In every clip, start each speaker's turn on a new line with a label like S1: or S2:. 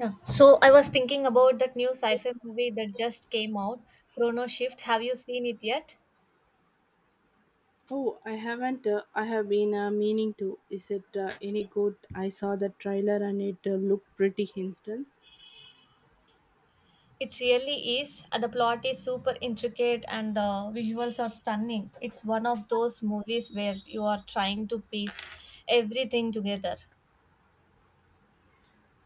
S1: Yeah. So I was thinking about that new sci-fi movie that just came out, Chrono Shift. Have you seen it yet?
S2: Oh, I haven't. I have been meaning to. Is it any good? I saw the trailer and it looked pretty instant.
S1: It really is. The plot is super intricate and the visuals are stunning. It's one of those movies where you are trying to piece everything together.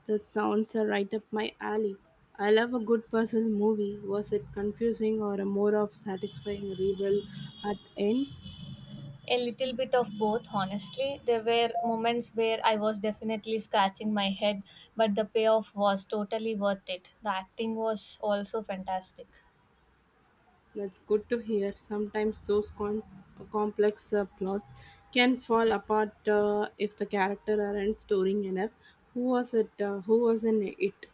S2: That sounds right up my alley. I love a good puzzle movie. Was it confusing or a more of satisfying reveal at end?
S1: A little bit of both, honestly. There were moments where I was definitely scratching my head, but the payoff was totally worth it. The acting was also fantastic.
S2: That's good to hear. Sometimes those complex plots can fall apart if the character aren't storing enough. Who was it? Who was in it?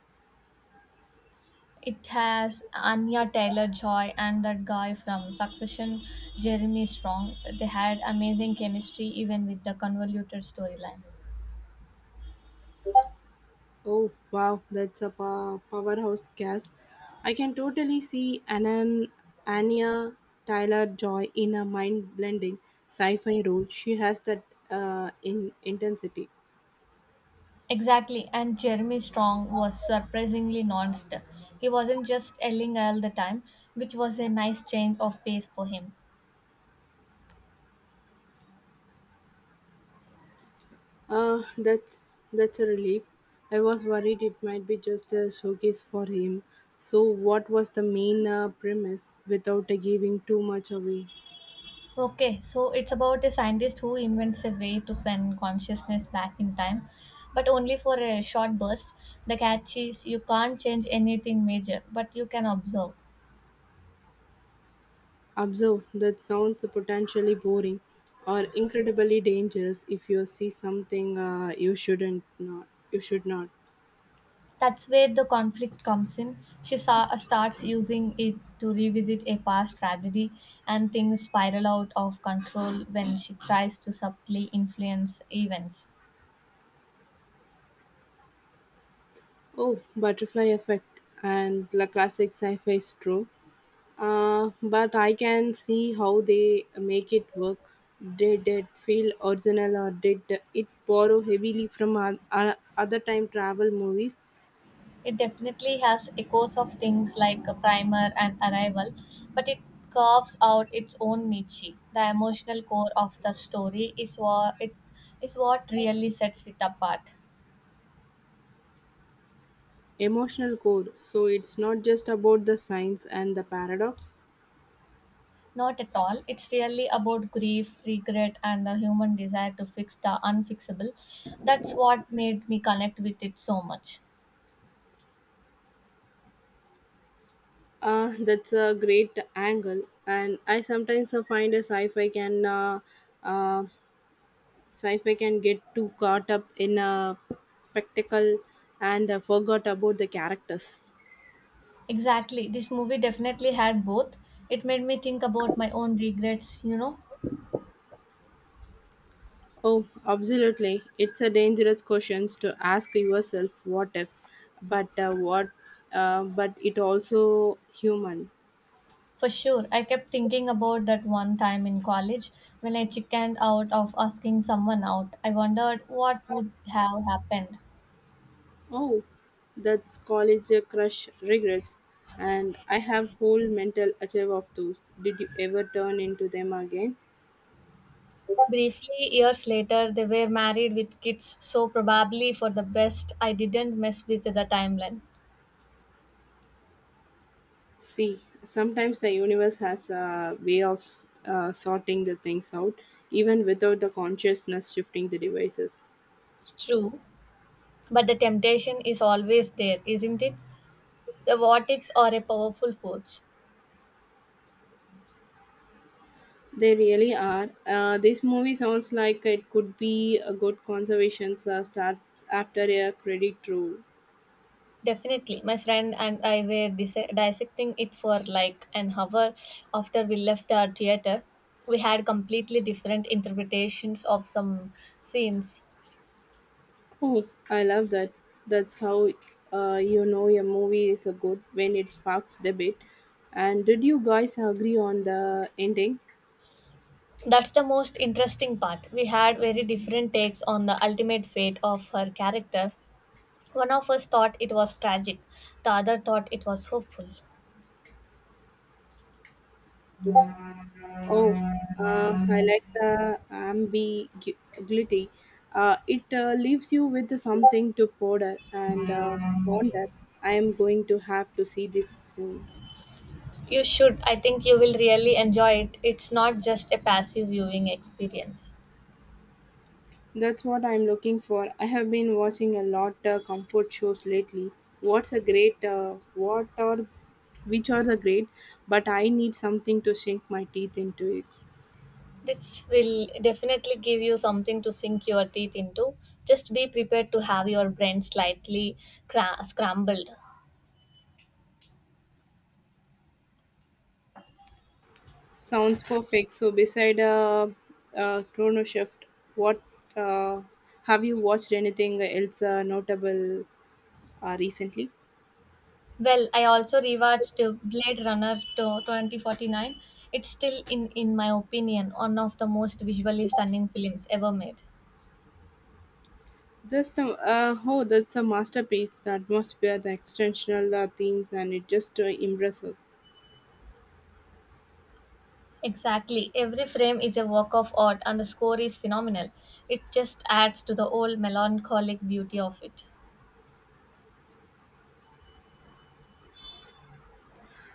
S1: It has Anya Taylor Joy and that guy from Succession, Jeremy Strong. They had amazing chemistry even with the convoluted storyline.
S2: Oh wow, that's a powerhouse cast. I can totally see Anya Tyler Joy in a mind blending sci fi role. She has that in intensity.
S1: Exactly, and Jeremy Strong was surprisingly nuanced. He wasn't just yelling all the time, which was a nice change of pace for him.
S2: That's a relief. I was worried it might be just a showcase for him. So, what was the main premise without giving too much away?
S1: Okay, so it's about a scientist who invents a way to send consciousness back in time, but only for a short burst. The catch is you can't change anything major, but you can observe.
S2: Observe that sounds potentially boring or incredibly dangerous if you see something you shouldn't not you should not.
S1: That's where the conflict comes in. Starts using it to revisit a past tragedy, and things spiral out of control when she tries to subtly influence events.
S2: Oh, butterfly effect and the classic sci-fi is true. But I can see how they make it work. Did it feel original or did it borrow heavily from other time travel movies?
S1: It definitely has echoes of things like a primer and arrival, but it carves out its own niche. The emotional core of the story is what really sets it apart.
S2: Emotional core. So it's not just about the science and the paradox.
S1: Not at all. It's really about grief, regret, and the human desire to fix the unfixable. That's what made me connect with it so much.
S2: That's a great angle, and I sometimes find a uh, sci-fi can get too caught up in a spectacle and forgot about the characters.
S1: Exactly. This movie definitely had both. It made me think about my own regrets, you know.
S2: Oh, absolutely! It's a dangerous question to ask yourself, "What if?" But what? But it also human.
S1: For sure. I kept thinking about that one time in college when I chickened out of asking someone out. I wondered what would have happened.
S2: Oh, that's college crush regrets, and I have whole mental archive of those. Did you ever turn into them again?
S1: Briefly, years later, they were married with kids, so probably for the best I didn't mess with the timeline.
S2: See, sometimes the universe has a way of sorting the things out, even without the consciousness shifting the devices.
S1: True, but the temptation is always there, isn't it? The what ifs are a powerful force.
S2: They really are. This movie sounds like it could be a good conservation start after a credit roll.
S1: Definitely. My friend and I were dissecting it for like an hour after we left the theater. We had completely different interpretations of some scenes.
S2: Oh, I love that. That's how you know a movie is a good when it sparks debate. And did you guys agree on the ending?
S1: That's the most interesting part. We had very different takes on the ultimate fate of her character. One of us thought it was tragic, the other thought it was hopeful.
S2: Oh, I like the ambiguity. It leaves you with something to ponder and ponder. I am going to have to see this soon.
S1: You should. I think you will really enjoy it. It's not just a passive viewing experience.
S2: That's what I'm looking for. I have been watching a lot comfort shows lately. What's a great what are which are the great, but I need something to sink my teeth into it.
S1: This will definitely give you something to sink your teeth into. Just be prepared to have your brain slightly scrambled.
S2: Sounds perfect. So beside Chrono Shift, what uh, have you watched anything else notable recently?
S1: Well, I also rewatched Blade Runner to 2049. It's still, in my opinion, one of the most visually stunning films ever made.
S2: This the oh that's a masterpiece. The atmosphere, the extensional themes, and it just impressive.
S1: Exactly. Every frame is a work of art and the score is phenomenal. It just adds to the old melancholic beauty of it.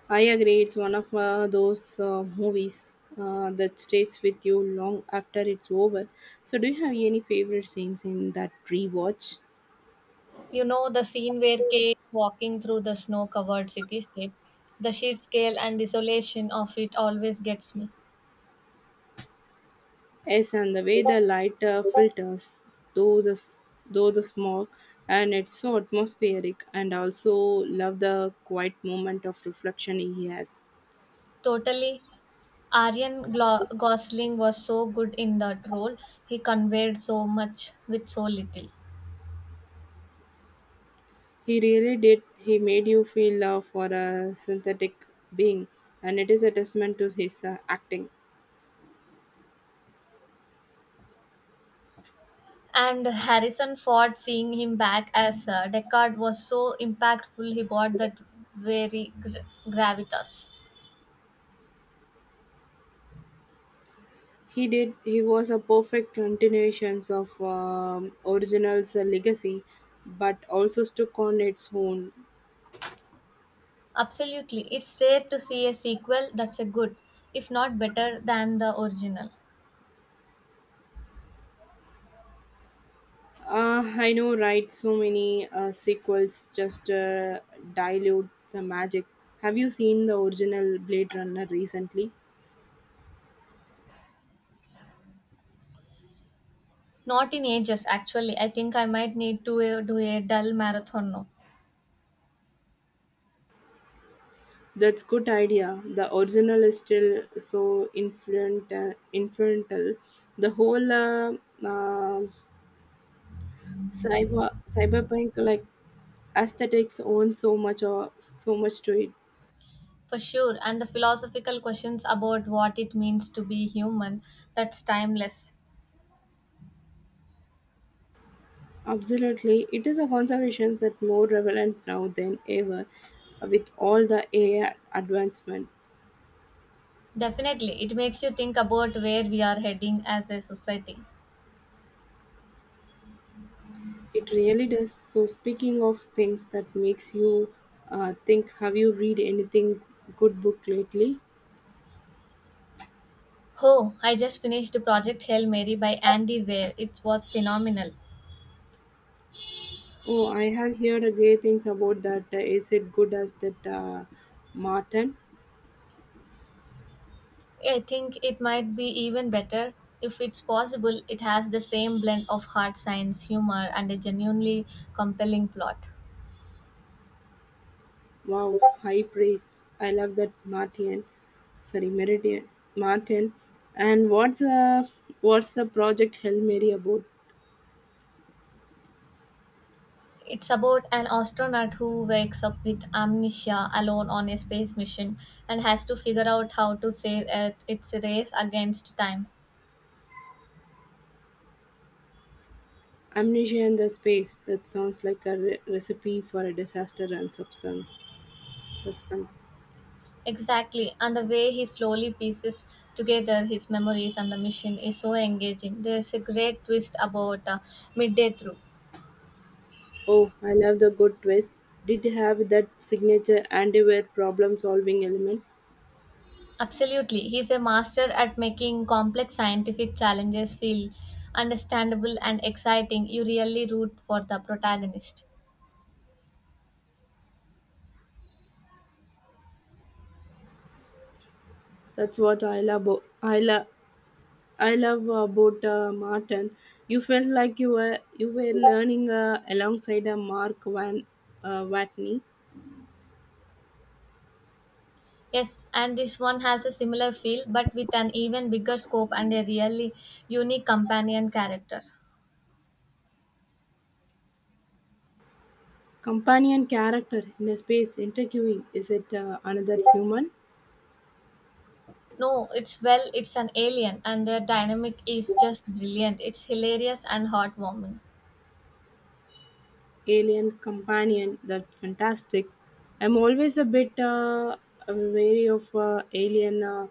S2: I agree. It's one of those movies that stays with you long after it's over. So, do you have any favorite scenes in that rewatch?
S1: You know, the scene where Kay is walking through the snow covered cityscape, the sheer scale and desolation of it always gets me.
S2: Yes, and the way the light filters, though the s- though the smog, and it's so atmospheric. And also love the quiet moment of reflection he has.
S1: Totally. Gosling was so good in that role. He conveyed so much with so little.
S2: He really did. He made you feel love for a synthetic being, and it is a testament to his acting.
S1: And Harrison Ford seeing him back as Deckard was so impactful, he brought that very gravitas.
S2: He did. He was a perfect continuation of original's legacy, but also stuck on its own.
S1: Absolutely. It's rare to see a sequel that's a good, if not better, than the original.
S2: I know, right? So many sequels just dilute the magic. Have you seen the original Blade Runner recently?
S1: Not in ages, actually. I think I might need to do a dull marathon now.
S2: That's good idea. The original is still so influential. The whole uh, cyberpunk like aesthetics owns so much or so much to it.
S1: For sure. And the philosophical questions about what it means to be human, that's timeless.
S2: Absolutely, it is a conservation that more relevant now than ever with all the AI advancement.
S1: Definitely. It makes you think about where we are heading as a society.
S2: It really does. So speaking of things that makes you think, have you read anything good book lately?
S1: Oh, I just finished the Project Hail Mary by Andy Weir. It was phenomenal.
S2: Oh, I have heard a great things about that. Is it good as that Martin?
S1: I think it might be even better. If it's possible, it has the same blend of hard science, humor, and a genuinely compelling plot.
S2: Wow, high praise. I love that Martin. Sorry, Meridian Martin. And what's what's the project Hail Mary about?
S1: It's about an astronaut who wakes up with amnesia alone on a space mission and has to figure out how to save Earth, its a race against time.
S2: Amnesia in the Space. That sounds like a recipe for a disaster and suspense.
S1: Exactly, and the way he slowly pieces together his memories and the mission is so engaging. There's a great twist about midday through.
S2: Oh, I love the good twist. Did have that signature anti-war problem-solving element.
S1: Absolutely, he's a master at making complex scientific challenges feel understandable and exciting. You really root for the protagonist.
S2: That's what I love. I love about Martin. You felt like you were learning alongside a Mark Van Watney
S1: Yes, and this one has a similar feel but with an even bigger scope and a really unique companion character.
S2: companion character in a space interviewing. Is it another human?
S1: No, it's well, it's an alien, and their dynamic is just brilliant. It's hilarious and heartwarming.
S2: Alien companion that fantastic I'm always a bit wary of alien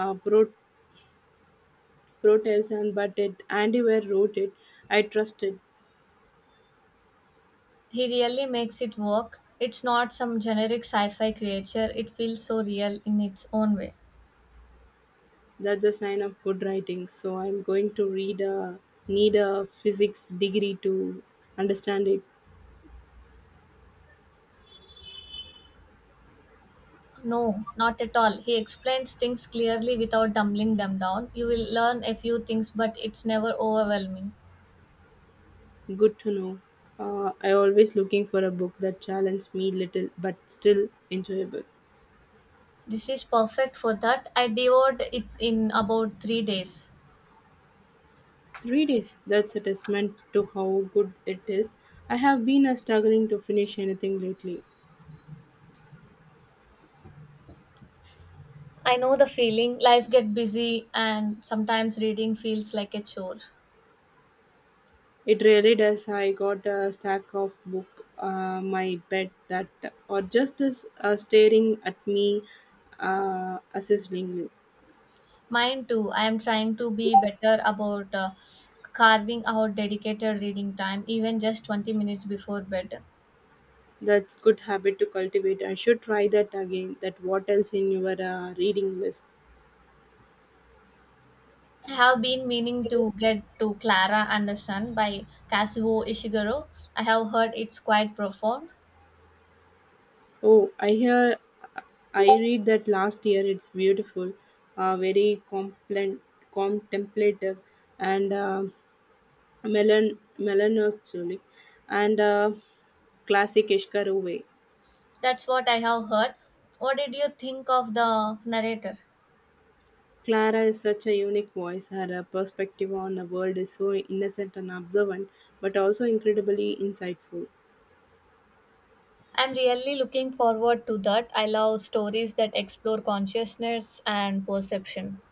S2: uh, pro- protests and but it andy ware wrote it I trust it.
S1: He really makes it work. It's not some generic sci fi creature, it feels so real in its own way.
S2: That's a sign of good writing so I'm going to read a need a physics degree to understand it
S1: No, not at all. He explains things clearly without dumbling them down. You will learn a few things, but it's never overwhelming.
S2: good to know I always looking for a book that challenges me little but still enjoyable
S1: This is perfect for that. I devoured it in about 3 days.
S2: Three days, that's a testament to how good it is. I have been struggling to finish anything lately.
S1: I know the feeling. Life get busy, and sometimes reading feels like a chore.
S2: It really does. I got a stack of book, my bed that, or just as staring at me assessingly.
S1: Mine too. I am trying to be better about carving out dedicated reading time, even just 20 minutes before bed.
S2: That's good habit to cultivate. I should try that again. That what else in your reading list?
S1: I have been meaning to get to Clara and the Sun by Kazuo Ishiguro. I have heard it's quite profound.
S2: Oh, I hear, I read that last year. It's beautiful, very contemplative, and melancholy, and classic Ishkaruve.
S1: That's what I have heard. What did you think of the narrator?
S2: Clara is such a unique voice. Her perspective on the world is so innocent and observant, but also incredibly insightful.
S1: I'm really looking forward to that. I love stories that explore consciousness and perception.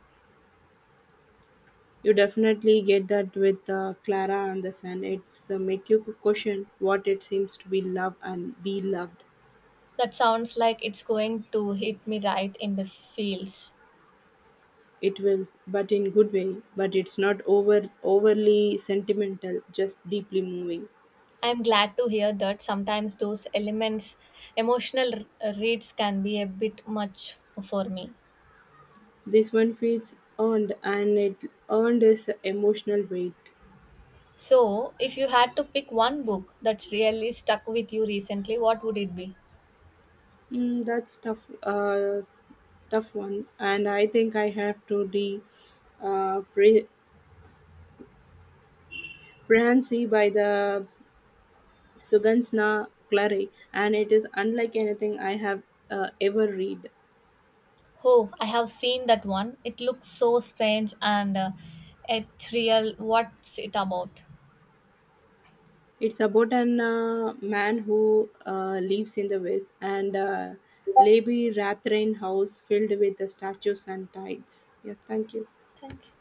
S2: You definitely get that with Clara and the Sun. It's make you question what it seems to be love and be loved.
S1: That sounds like it's going to hit me right in the feels.
S2: It will, but in good way. But it's not overly sentimental, just deeply moving.
S1: I'm glad to hear that sometimes those elements, emotional r- reads can be a bit much for me.
S2: This one feels earned, and it earned its emotional weight.
S1: So, if you had to pick one book that's really stuck with you recently, what would it be?
S2: Mm, that's tough. Tough one. And I think I have to the uh, pre- Prancy by the Sugansna Clary, and it is unlike anything I have ever read.
S1: Oh, I have seen that one. It looks so strange and ethereal. What's it about?
S2: It's about an man who lives in the West and Lady Rathrain house filled with the statues and tides. Yeah, thank you.
S1: Thank you.